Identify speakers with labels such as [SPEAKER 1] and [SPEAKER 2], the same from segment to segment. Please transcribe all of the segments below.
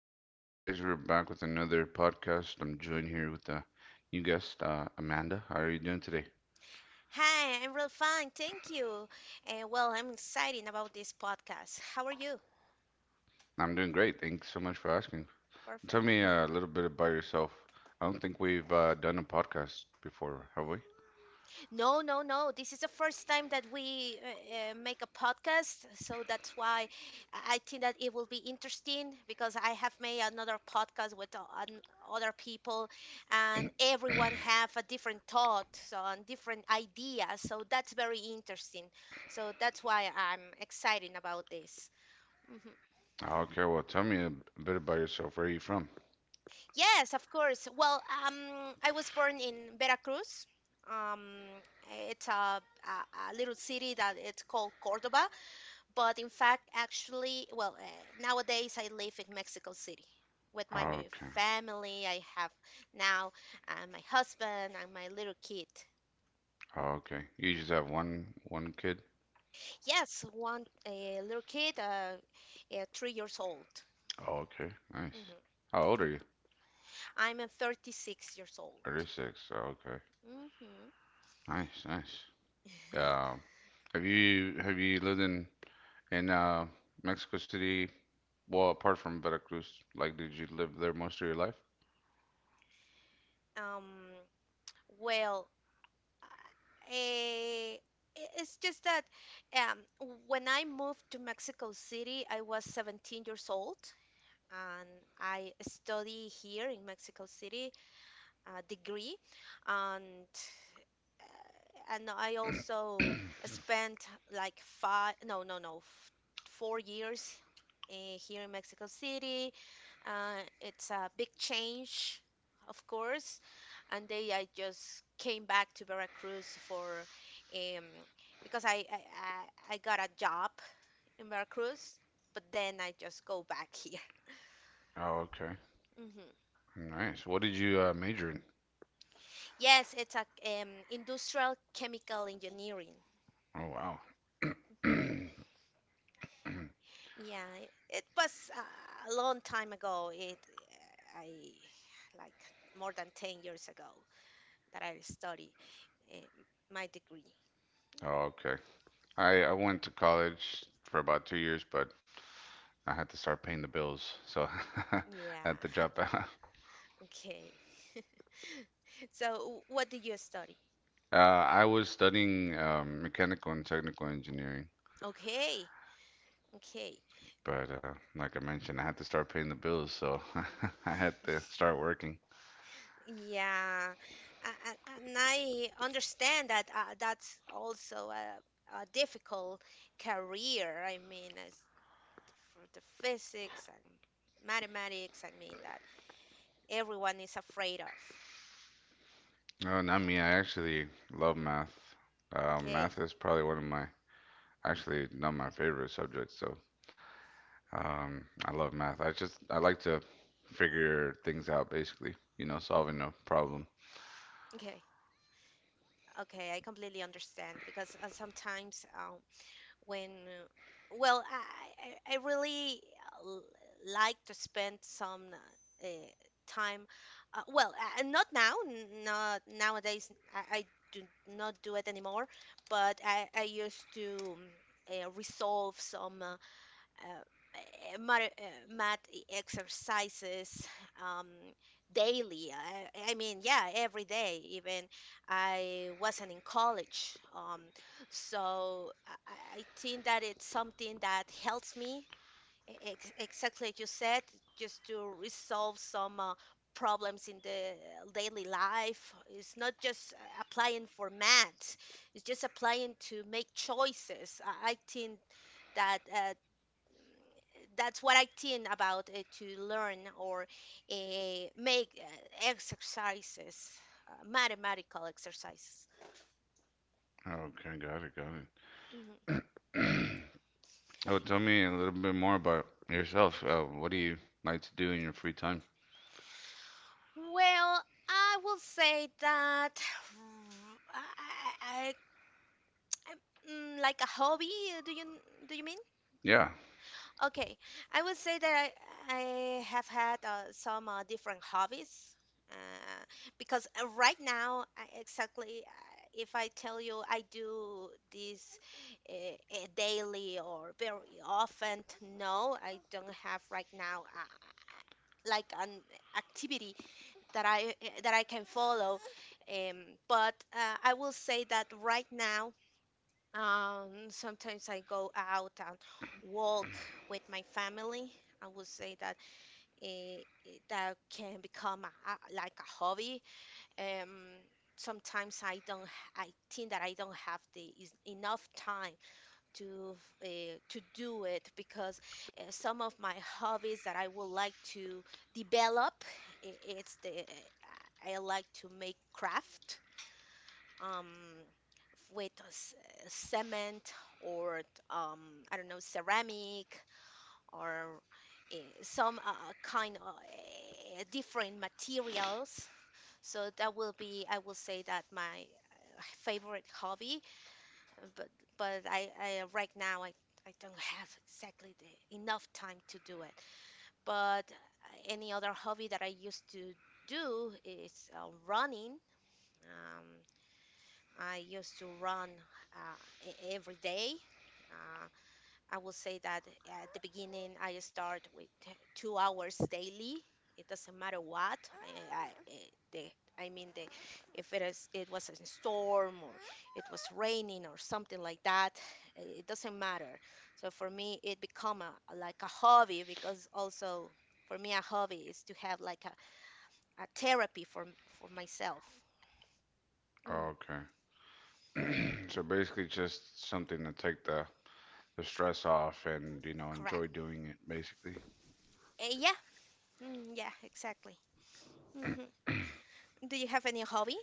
[SPEAKER 1] right, good afternoon, guys. We're back with another podcast. I'm joined here with a new guest, Amanda. How are you doing today?
[SPEAKER 2] Hi, I'm real fine, thank you. And well, I'm excited about this podcast. How are you?
[SPEAKER 1] I'm doing great. Thanks so much for asking.
[SPEAKER 2] Perfect.
[SPEAKER 1] Tell me a little bit about yourself. I don't think we've done a podcast before, have we?
[SPEAKER 2] No, no, no. This is the first time that we make a podcast, so that's why I think that it will be interesting because I have made another podcast with other people, and everyone have a different thought so, and different ideas. So that's very interesting. So that's why I'm excited about this. Mm-hmm.
[SPEAKER 1] Okay, well, tell me a bit about yourself. Where are you from?
[SPEAKER 2] Yes, of course. Well, I was born in Veracruz. Um, it's a, a little city that it's called Cordoba, but in fact, actually, well, nowadays I live in Mexico City with my
[SPEAKER 1] Okay,
[SPEAKER 2] family. I have now my husband and my little kid.
[SPEAKER 1] okay. You just have one kid?
[SPEAKER 2] Yes, one a little kid, 3 years old.
[SPEAKER 1] Okay, nice.
[SPEAKER 2] Hmm
[SPEAKER 1] How old are you?
[SPEAKER 2] I'm 36 years old.
[SPEAKER 1] 36. Okay,
[SPEAKER 2] Hmm
[SPEAKER 1] nice, nice. Um, have you lived in In uh, Mexico City, well, apart from Veracruz, like, did you live there most of your life?
[SPEAKER 2] Um, well. Eh, it's just that um, when I moved to Mexico City, I was 17 years old and I study here in Mexico City a degree and and I also spent like five no no no f- 4 years here in Mexico City. It's a big change, of course. And they, I just came back to Veracruz for, um, because I I got a job in Veracruz, but then I just go back here.
[SPEAKER 1] Oh, okay.
[SPEAKER 2] Hmm
[SPEAKER 1] Nice. What did you major in?
[SPEAKER 2] Yes, it's a industrial chemical engineering.
[SPEAKER 1] Oh, wow.
[SPEAKER 2] Mhm. Yeah, it was a long time ago. It I like more than 10 years ago that I studied eh, my degree.
[SPEAKER 1] Oh, okay. I went to college for about two years, but I had to start paying the bills, so I
[SPEAKER 2] Yeah.
[SPEAKER 1] had to drop out.
[SPEAKER 2] Okay. So, what do you study?
[SPEAKER 1] I was studying mechanical and technical engineering,
[SPEAKER 2] Okay. Okay.
[SPEAKER 1] but like I mentioned, I had to start paying the bills, so I had to start working.
[SPEAKER 2] Yeah. And I understand that that's also a difficult career. I mean, as for the physics and mathematics, I mean, that everyone is afraid of.
[SPEAKER 1] No, not me. I actually love math.
[SPEAKER 2] Okay.
[SPEAKER 1] Math is probably one of my, actually, not my favorite subject. So, I love math. I like to figure things out, basically, you know, solving a
[SPEAKER 2] hmm
[SPEAKER 1] problem.
[SPEAKER 2] Okay. Okay. I completely understand because sometimes when well I really l- like to spend some time uh, well not now not nowadays I do not do it anymore but I used to resolve some math exercises um, daily. I mean, yeah, every day. Even I wasn't in college, so I think that it's something that helps me. Exactly like you said, just to resolve some problems in the daily life. It's not just applying for math; it's just applying to make choices. I think that that's what I think about to learn or uh, make exercises, mathematical exercises.
[SPEAKER 1] Okay, got it, got
[SPEAKER 2] Mhm.
[SPEAKER 1] it. Oh, tell me a little bit more about yourself. What do you like to do in your free time?
[SPEAKER 2] Well, I will say that I, I, I, like a hobby. uh, Do you do you mean?
[SPEAKER 1] Yeah.
[SPEAKER 2] Okay, I would say that I have had some different hobbies uh, because right now, I exactly, if I tell you I do this daily or very often, no, I don't have right now like an activity that I that I can follow. Um, but I will say that right now. Sometimes I go out and walk with my family. I would say that that can become like a hobby. Um, sometimes I think that I don't have the is enough time to to do it because some of my hobbies that I would like to develop, it's the I like to make craft. Um, with cement or um, I don't know ceramic or uh, some kind of different materials. So that will be I will say that my favorite hobby, uh, but but I right now I don't have exactly the enough time to do it. But any other hobby that I used to do is running. Um, I used to run every day. Uh, I will say that at the beginning, I start with 2 hours daily. It doesn't matter what. I, I, I- the, I mean, if it is, it was a storm or it was raining or something like that, it doesn't matter. So for me, it become like a hobby because also for me, a hobby is to have like a therapy for myself. Mhm,
[SPEAKER 1] Oh, okay. So basically, just something to take the stress off and, you know,
[SPEAKER 2] correct.
[SPEAKER 1] enjoy doing it, basically.
[SPEAKER 2] Yeah, mm, yeah, exactly. hmm Do you have any hobby?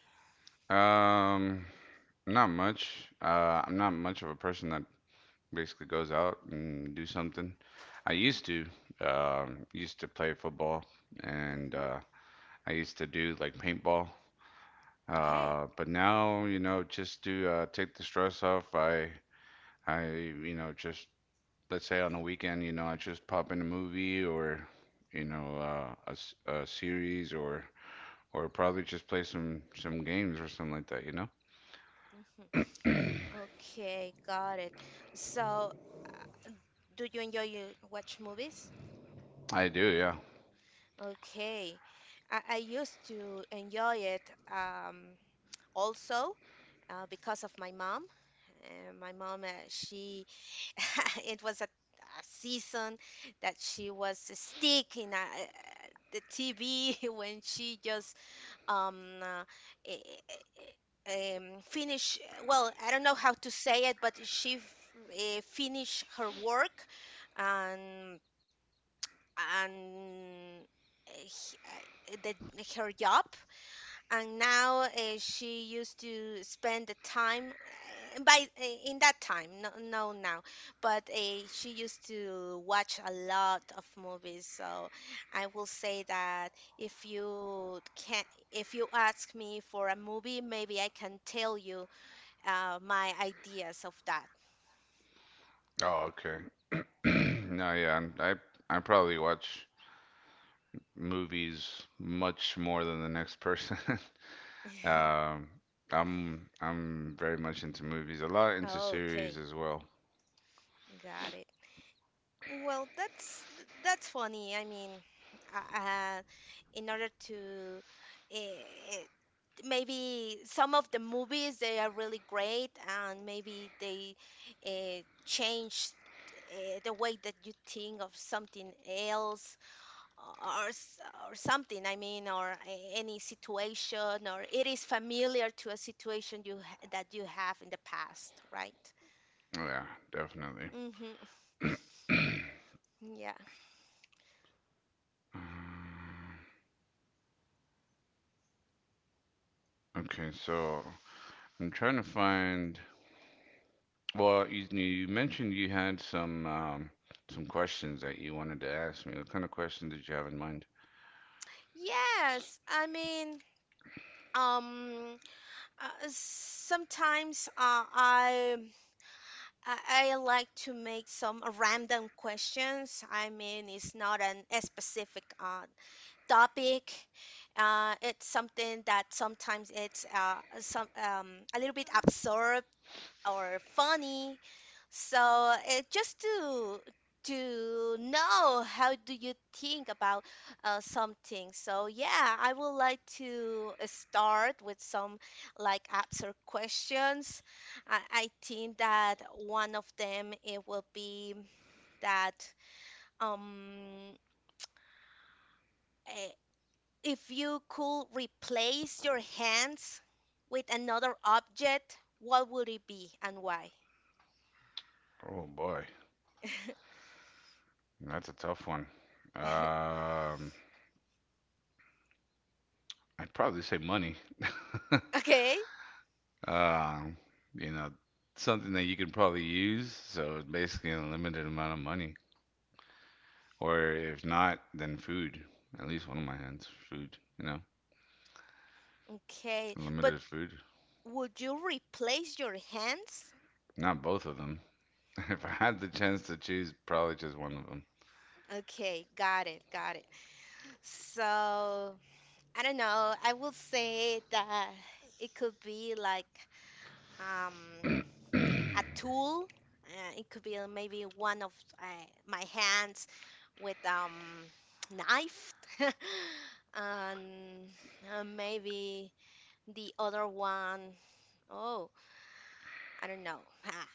[SPEAKER 1] Um, Not much. I'm not much of a person that basically goes out and do something. I used to play football and
[SPEAKER 2] Hmm
[SPEAKER 1] I used to do like paintball.
[SPEAKER 2] Okay.
[SPEAKER 1] But now, you know, just to take the stress off, you know, just let's say on the weekend, you know, I just pop in a movie or, you know, a series or probably just play some games or something like that, you know?
[SPEAKER 2] hmm Okay, got it. So, do you enjoy you watch movies?
[SPEAKER 1] I do, yeah.
[SPEAKER 2] Okay. I used to enjoy it also because of my mom. My mom, she it was a season that she was in a, the TV when she just um, uh, eh, finish. Well, I don't know how to say it, but she her work, and and eh, he- eh, her job and now she used to spend the time by in that time no, no now but she used to watch a lot of movies, so I will say that if you can, if you ask me for a movie, maybe I can tell you my ideas of that.
[SPEAKER 1] Oh, okay. No, yeah, I'm- I'- I probably watch movies much more than the next person. Um, I'm very much into movies, a lot into series
[SPEAKER 2] Okay,
[SPEAKER 1] as well.
[SPEAKER 2] got it. Well, that's funny. I mean, uh, uh, in order to, uh, maybe some of the movies they are really great, and maybe they change the way that you think of something else or s- or something. I mean, or any situation, or it is familiar to a situation that you have in the past, right?
[SPEAKER 1] Yeah, definitely.
[SPEAKER 2] Mm-hmm. Yeah.
[SPEAKER 1] Um, Okay, so I'm trying to find. Well, you mentioned you had some questions that you wanted to ask me. What kind of questions did you have in mind?
[SPEAKER 2] Yes, I mean, um sometimes I like to make some random questions. I mean, it's not an a specific topic. It's something that sometimes it's some a little bit absurd, or funny. So it just to know how do you think about something. So yeah, I would like to start with some like apps or questions. I think that one of them it will be that um eh, if you could replace your hands with another object, what would it be and why?
[SPEAKER 1] Oh boy, that's a tough one. Um, I'd probably say money.
[SPEAKER 2] Okay.
[SPEAKER 1] Um, you know, something that you can probably use. So basically, a limited amount of money, or if not, then food. At least one of my hands, food. You know,
[SPEAKER 2] Okay, but
[SPEAKER 1] limited food.
[SPEAKER 2] would you replace your hands?
[SPEAKER 1] Not both of them. If I had the chance to choose, probably just one of them.
[SPEAKER 2] Okay, got it, got it. So, I don't know, I will say that it could be like um a tool. It could be maybe one of uh, my hands with knife. And maybe the other one, oh, I don't know. Ah,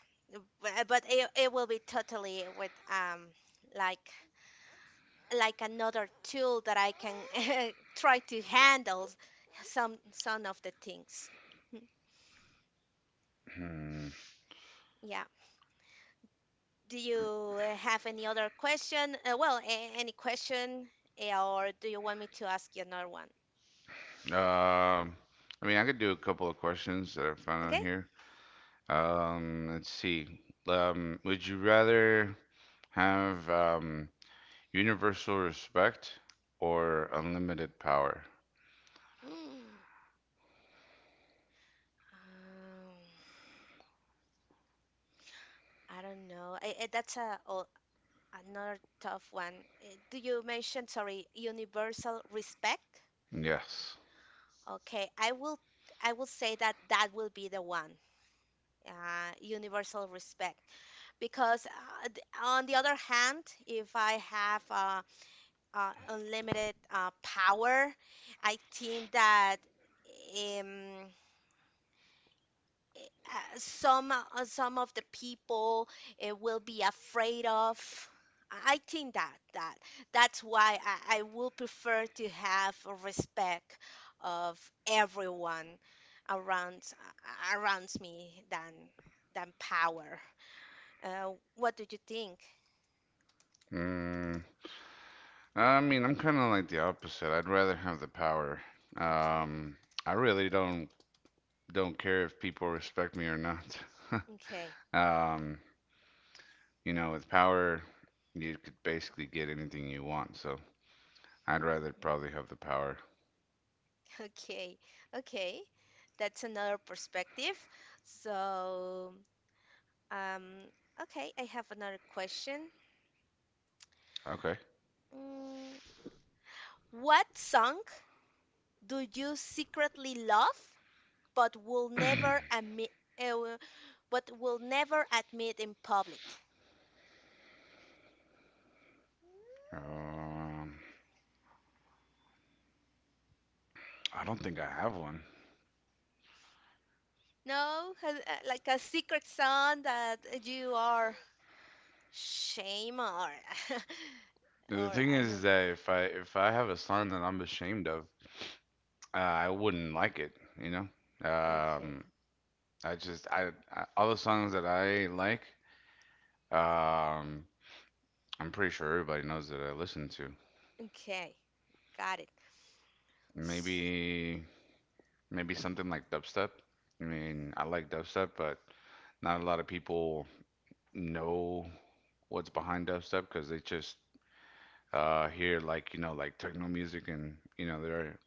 [SPEAKER 2] but it, it will be totally with like like another tool that I can try to handle some of the things. Mm,
[SPEAKER 1] Hmm.
[SPEAKER 2] yeah. Do you have any other question? Well, a- any question, or do you want me to ask you another one?
[SPEAKER 1] Um, I mean, I could do a couple of questions that I found
[SPEAKER 2] Okay.
[SPEAKER 1] out here. Let's see. Would you rather have universal respect or unlimited power?
[SPEAKER 2] Hmm. Um, I don't know. That's another tough one. Do you mention, sorry, universal respect?
[SPEAKER 1] Yes.
[SPEAKER 2] Okay, I will say that that will be the one, universal respect. Because on the other hand, if I have unlimited power, I think that um, some of the people will be afraid of. I think that that's why I will prefer to have a respect of everyone around around me than power. What do you think?
[SPEAKER 1] Mm, I mean, I'm kind of like the opposite. I'd rather have the power.
[SPEAKER 2] Okay,
[SPEAKER 1] Um, I really don't care if people respect me or not.
[SPEAKER 2] okay,
[SPEAKER 1] Um, you know, with power, you could basically get anything you want. So I'd rather probably have the power.
[SPEAKER 2] okay, okay. That's another perspective. So, um, okay, I have another question.
[SPEAKER 1] Okay.
[SPEAKER 2] Mm, what song do you secretly love but will
[SPEAKER 1] Um,
[SPEAKER 2] never admit uh, in public?
[SPEAKER 1] I don't think I have one.
[SPEAKER 2] No, like a secret song that you are shame or
[SPEAKER 1] The
[SPEAKER 2] or
[SPEAKER 1] thing
[SPEAKER 2] I don't
[SPEAKER 1] is
[SPEAKER 2] know.
[SPEAKER 1] that if I have a son that I'm ashamed of, uh, I wouldn't like it, you know.
[SPEAKER 2] Okay.
[SPEAKER 1] Um, I all the songs that I like, um, I'm pretty sure everybody knows that I listen to.
[SPEAKER 2] Okay. Got it. S-
[SPEAKER 1] Maybe maybe something like dubstep. I mean, I like dubstep, but not a lot of people know what's behind dubstep because they just hear like you know like techno music and you know they're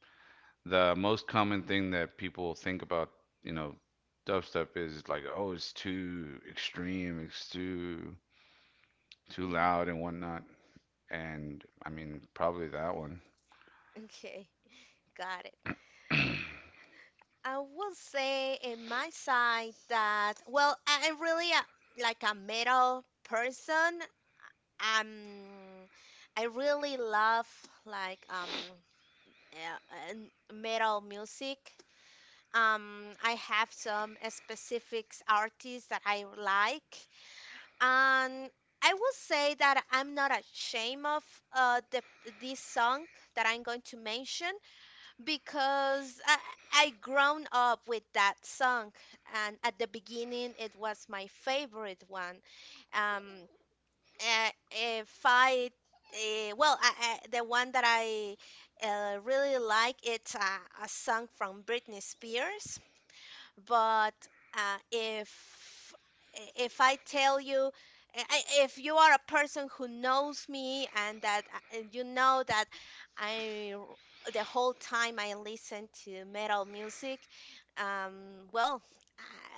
[SPEAKER 1] the most common thing that people think about, you know, dubstep is like, oh, it's too extreme, it's too
[SPEAKER 2] mhm,
[SPEAKER 1] loud and whatnot. And I mean, probably that one.
[SPEAKER 2] okay. Got it. I will say in my side that well, I'm really like a metal person. I'm I really love like metal music. I have some specific artists that I like, and I will say that I'm not ashamed of the this song that I'm going to mention because I grown up with that song, and at the beginning it was my favorite one. Um, uh, fight. Well, the one that I really like it's a song from Britney Spears but uh, if if I tell you if you are a person who knows me and that you know that the whole time I listen to metal music, well,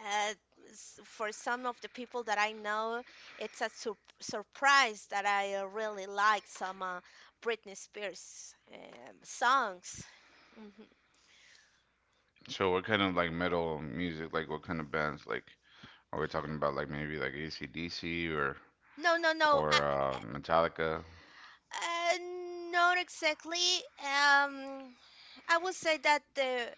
[SPEAKER 2] uh, for some of the people that I know, it's a surprise that I really like some Britney Spears songs. Mhm.
[SPEAKER 1] So what kind of like metal music, like what kind of bands, like are we talking about? Like maybe like AC/DC or
[SPEAKER 2] No, no, no. I,
[SPEAKER 1] or uh, Metallica?
[SPEAKER 2] Uh, not exactly. Um, I would say that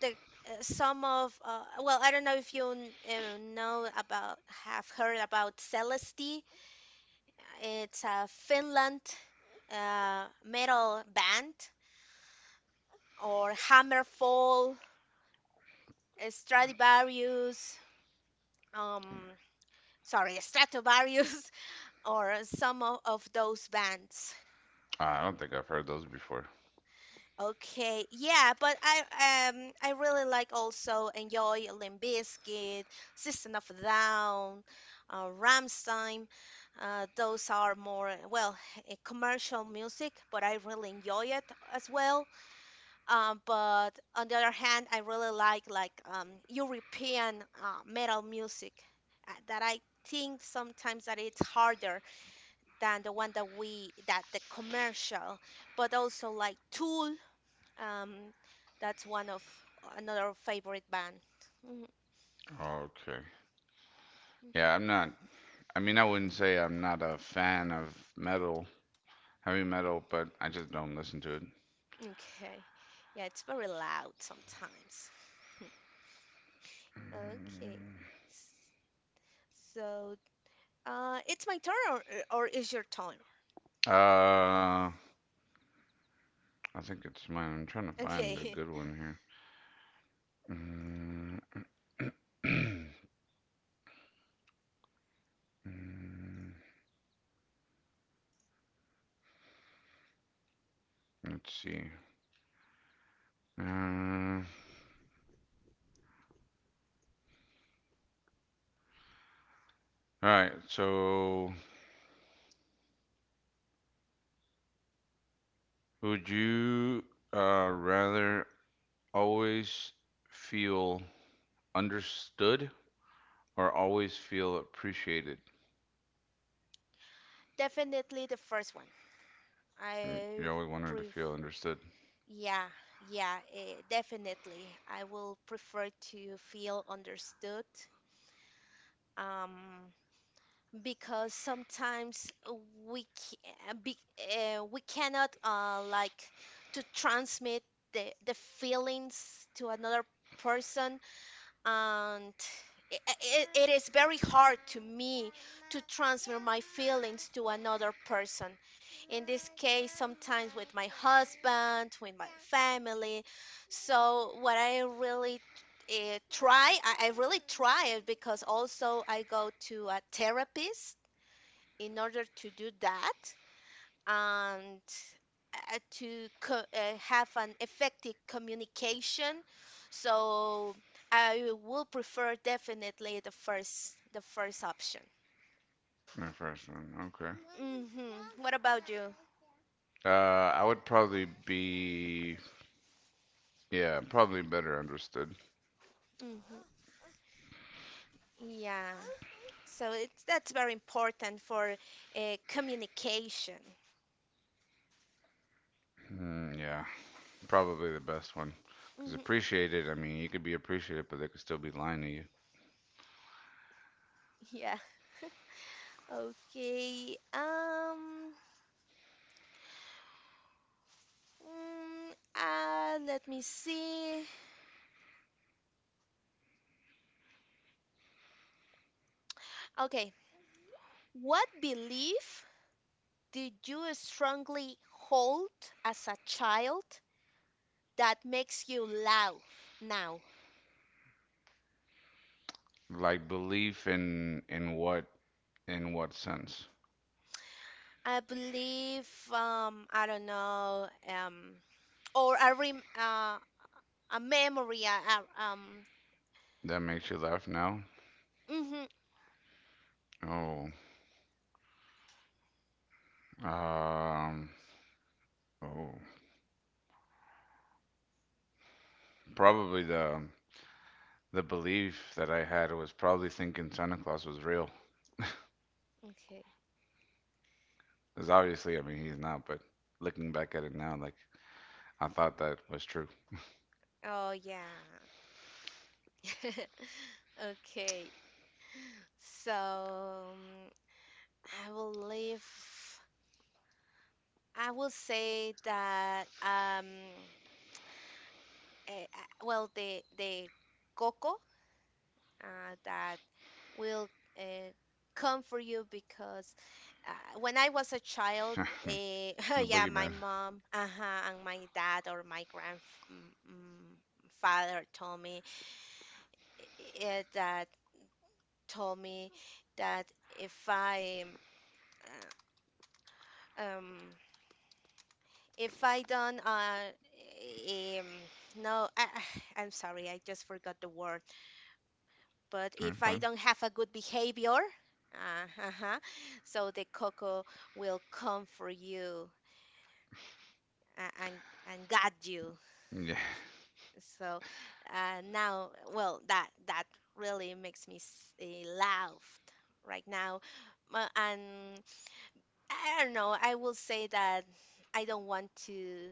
[SPEAKER 2] the some of well, I don't know if you know about have heard about Celeste. It's a Finland metal band or Hammerfall, Stradivarius. Um, sorry, Stratovarius or some of those bands.
[SPEAKER 1] I don't think I've heard those before.
[SPEAKER 2] Okay, yeah, but I really like also enjoy Limp Bizkit, System of a Down, Rammstein. Those are more commercial music, but I really enjoy it as well. But on the other hand, I really like European metal music that I think sometimes that it's harder than the one that we that the commercial, but also like Tool. Um, that's one of another favorite band. Mhm,
[SPEAKER 1] Okay.
[SPEAKER 2] mhm.
[SPEAKER 1] Yeah, I'm not. I mean, I wouldn't say I'm not a fan of metal, heavy metal, but I just don't listen to it.
[SPEAKER 2] Okay. Yeah, it's very loud sometimes. Okay. S- So, it's my turn or is your turn?
[SPEAKER 1] Mm, I think it's mine. I'm trying to find a
[SPEAKER 2] Okay.
[SPEAKER 1] good one here. Mm, let's see. Uh, all right. So, would you rather always feel understood or always feel appreciated?
[SPEAKER 2] Definitely the first one.
[SPEAKER 1] Mm,
[SPEAKER 2] I
[SPEAKER 1] you always wanted to
[SPEAKER 2] pref
[SPEAKER 1] feel understood.
[SPEAKER 2] yeah, yeah, eh, Definitely, I will prefer to feel understood. Um, because sometimes we ca- be, we cannot like to transmit the feelings to another person, and it is very hard to me to transfer my feelings to another person in this case, sometimes with my husband, with my family. So what I really try I really try, it because also I go to a therapist in order to do that, and to have an effective communication. So I will prefer definitely the first option.
[SPEAKER 1] My first one. Okay.
[SPEAKER 2] Mm-hmm. What about you?
[SPEAKER 1] I would probably be yeah, probably better understood.
[SPEAKER 2] Mm-hmm. Yeah, so it's that's very important for communication.
[SPEAKER 1] Mm, yeah, probably the best one. Because
[SPEAKER 2] Hmm.
[SPEAKER 1] appreciated, I mean, you could be appreciated, but they could still be lying to you.
[SPEAKER 2] Yeah. Okay. Mm, Let me see. Okay, what belief did you strongly hold as a child that makes you laugh now?
[SPEAKER 1] Like belief in in what sense?
[SPEAKER 2] I believe, I don't know, or a rem a memory, uh, um,
[SPEAKER 1] That makes you laugh now?
[SPEAKER 2] mhm,
[SPEAKER 1] Oh, um, oh, probably the belief that I had was probably thinking Santa Claus was real.
[SPEAKER 2] okay.
[SPEAKER 1] Because obviously, I mean, he's not, but looking back at it now, like I thought that was true.
[SPEAKER 2] Oh yeah. Okay. So, I believe I will say that well, the coco that will uh, come for you, because when I was a child, uh,
[SPEAKER 1] The
[SPEAKER 2] yeah, my
[SPEAKER 1] boogeyman.
[SPEAKER 2] mom, uh-huh, and my dad or my grandfather told me that told me that um, um, if I don't eh, um, no, I, I'm sorry, I just forgot the word. But
[SPEAKER 1] All right,
[SPEAKER 2] if I
[SPEAKER 1] fine.
[SPEAKER 2] don't have a good behavior, uh-huh, so the cocoa will come for you a- and and guide you.
[SPEAKER 1] Yeah.
[SPEAKER 2] So now, well, that really makes me laugh right now. And I don't know. I will say that I don't want to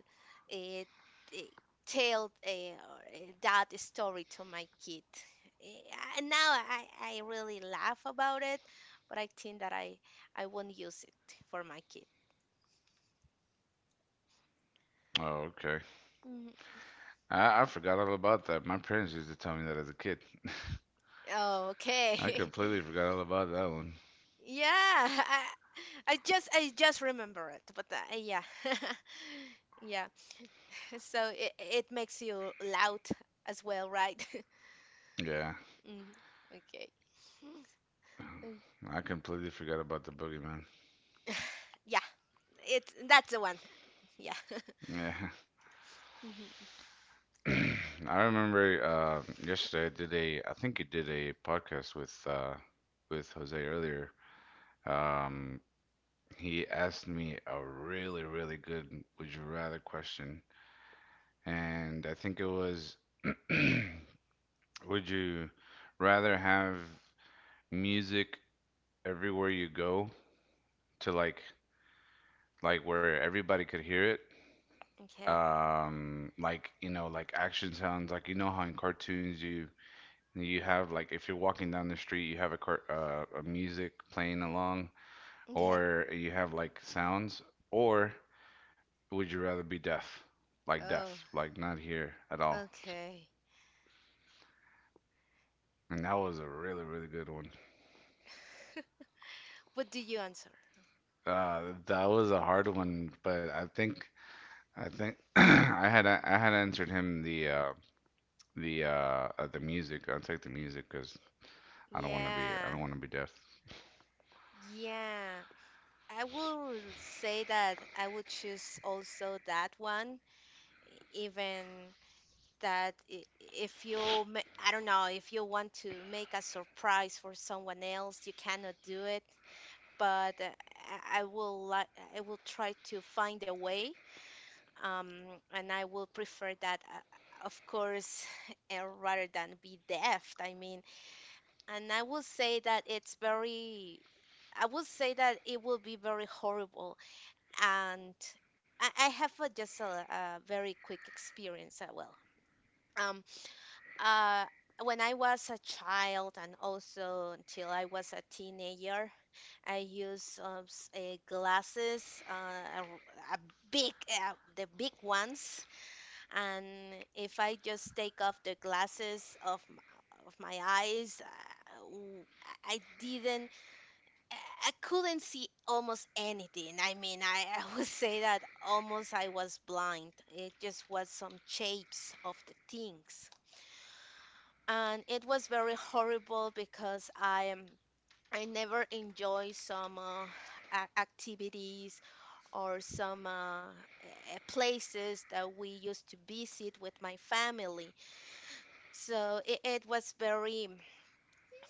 [SPEAKER 2] uh, t- tell that story to my kid. Eh, now I really laugh about it, but I think that I won't use it for my kid.
[SPEAKER 1] Oh, okay.
[SPEAKER 2] Mhm.
[SPEAKER 1] I forgot all about that. My parents used to tell me that as a kid.
[SPEAKER 2] Oh,
[SPEAKER 1] I
[SPEAKER 2] okay.
[SPEAKER 1] completely forgot all about that one.
[SPEAKER 2] Yeah, I just remember it, but yeah, yeah. So it makes you loud as well, right?
[SPEAKER 1] Yeah.
[SPEAKER 2] Mm, okay. Mm,
[SPEAKER 1] I completely forgot about the boogeyman.
[SPEAKER 2] yeah, it's that's the one. Yeah.
[SPEAKER 1] Yeah.
[SPEAKER 2] Hmm.
[SPEAKER 1] I remember yesterday I did a, I think I did a podcast with Jose earlier. Um, he asked me a really, really good would you rather question. And I think it was would you rather have music everywhere you go to like where everybody could hear it.
[SPEAKER 2] Okay.
[SPEAKER 1] Like you know, like action sounds. Like you know how in cartoons you you have like if you're walking down the street, you have a car a music playing along,
[SPEAKER 2] Okay.
[SPEAKER 1] or you have like sounds. Or would you rather be deaf? Like
[SPEAKER 2] Oh,
[SPEAKER 1] deaf, like not hear at all.
[SPEAKER 2] okay.
[SPEAKER 1] And that was a really really good one.
[SPEAKER 2] What do you answer?
[SPEAKER 1] That was a hard one, but I think I had answered him the the uh, the music. I'll take the music because I don't want to be I
[SPEAKER 2] Yeah.
[SPEAKER 1] don't want to be deaf.
[SPEAKER 2] Yeah. I will say that I would choose also that one, even if you, I don't know, if you want to make a surprise for someone else, you cannot do it. But I will, I will try to find a way, um, and I will prefer that, of course, rather than be deaf. I mean, and I will say that I will say that it will be very horrible. And I have just a very quick experience. Well, um, uh, when I was a child, and also until I was a teenager, I used glasses, a big, the big ones, and if I just take off the glasses of my eyes, I didn't, I I couldn't see almost anything. I mean, I would say that almost I was blind. It just was some shapes of the things, and it was very horrible because I am. I never enjoy some activities or some places that we used to visit with my family. So it was very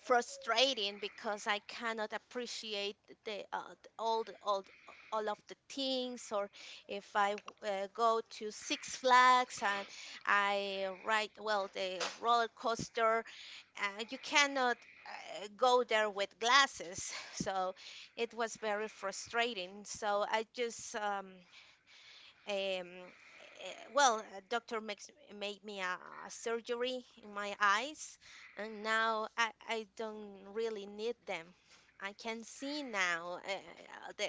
[SPEAKER 2] frustrating because I cannot appreciate the uh, the- all the, all the- all of the things. Or if I go to Six Flags and I ride well the roller coaster, you cannot go there with glasses. So it was very frustrating. So I just um, eh, well, a doctor makes made me a surgery in my eyes, and now I don't really need them. I can see now,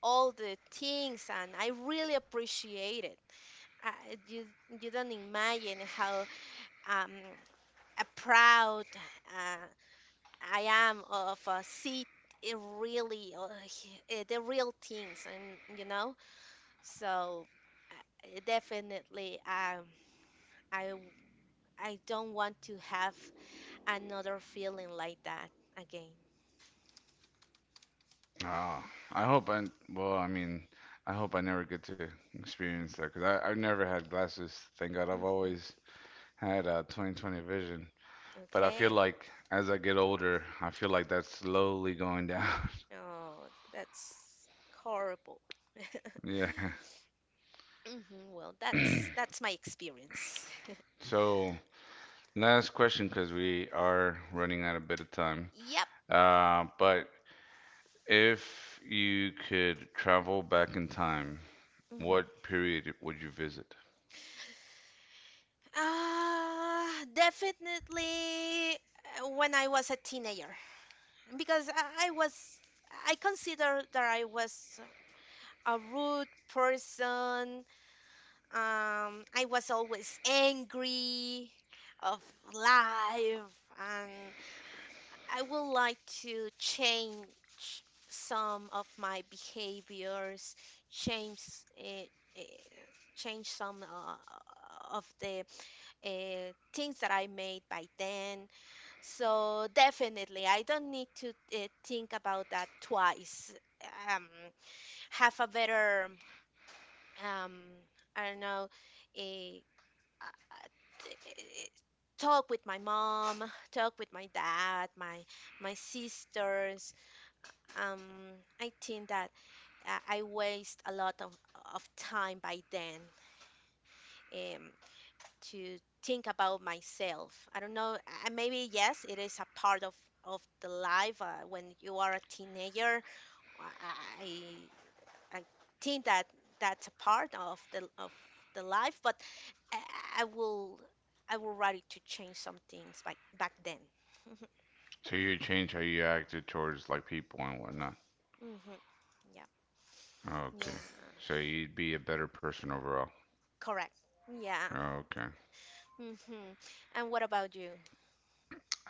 [SPEAKER 2] all the things, and I really appreciate it. I, you don't imagine how um proud uh, I am of see it really the real things, and you know. So definitely, I w- I don't want to have another feeling like that again.
[SPEAKER 1] Oh, I hope I well I mean I hope I never get to experience that because I I've never had glasses. Thank God I've
[SPEAKER 2] Hmm.
[SPEAKER 1] always had 20/20 vision. But I feel
[SPEAKER 2] Okay.
[SPEAKER 1] like as I get older, I feel like that's slowly going down.
[SPEAKER 2] Oh, that's horrible.
[SPEAKER 1] Yeah.
[SPEAKER 2] Hmm. Well, that's my experience.
[SPEAKER 1] So last question because we are running out a bit of time.
[SPEAKER 2] Yep.
[SPEAKER 1] But if you could travel back in time
[SPEAKER 2] Hmm.
[SPEAKER 1] what period would you visit?
[SPEAKER 2] Ah, definitely when I was a teenager, because I consider that I was a rude person. I was always angry of life, and I would like to change some of my behaviors, change uh, uh, change some of the things that I made by then. So definitely, I don't need to think about that twice. Um, have a better um, I don't know, uh, uh, t- eh, talk with my mom, talk with my dad, my sisters. Um, I think that I waste a lot of time by then, um, to think about myself. I don't know. Maybe yes, it is a part of the life when you are a teenager. I I think that that's a part of the life, but I, I will I will ready to change some things back then.
[SPEAKER 1] So you change how you acted towards like people and whatnot.
[SPEAKER 2] Hmm. Yeah, yeah,
[SPEAKER 1] Okay. So you'd be a better person overall.
[SPEAKER 2] correct. Yeah.
[SPEAKER 1] Okay.
[SPEAKER 2] Hmm. And what about you?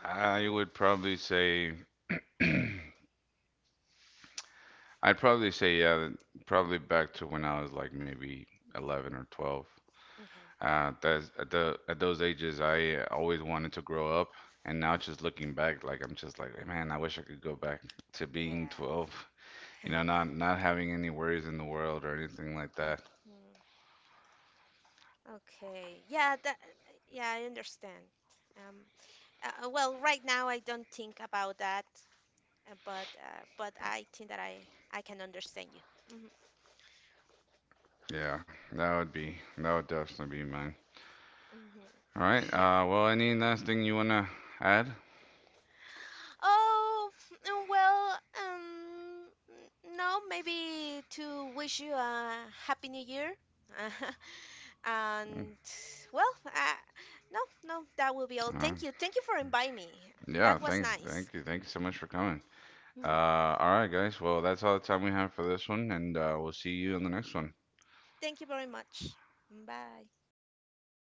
[SPEAKER 1] I would probably say, I'd probably say, yeah, probably back to when I was like maybe 11 or 12.
[SPEAKER 2] Okay.
[SPEAKER 1] At those ages, I always wanted to grow up. And now just looking back, like I'm just like, man, I wish I could go back to being 12.
[SPEAKER 2] Yeah.
[SPEAKER 1] You know, not having any worries in the world or anything like that.
[SPEAKER 2] Hmm. Okay. Yeah. That. Yeah, I understand. Um. Well, right now I don't think about that, but I think that I can understand you.
[SPEAKER 1] Yeah, that would definitely be mine.
[SPEAKER 2] Hmm.
[SPEAKER 1] All right. Well, any last thing you wanna add?
[SPEAKER 2] Oh, mm, well, no, maybe to wish you a happy new year.
[SPEAKER 1] Mm,
[SPEAKER 2] And well, no, no, that will be all.
[SPEAKER 1] all right.
[SPEAKER 2] Thank you. Thank you for inviting me.
[SPEAKER 1] Yeah.
[SPEAKER 2] That was nice.
[SPEAKER 1] Thank you so much for coming. Uh, all right, guys. Well, that's all the time we have for this one, and we'll see you on the next one.
[SPEAKER 2] Thank you very much. Bye.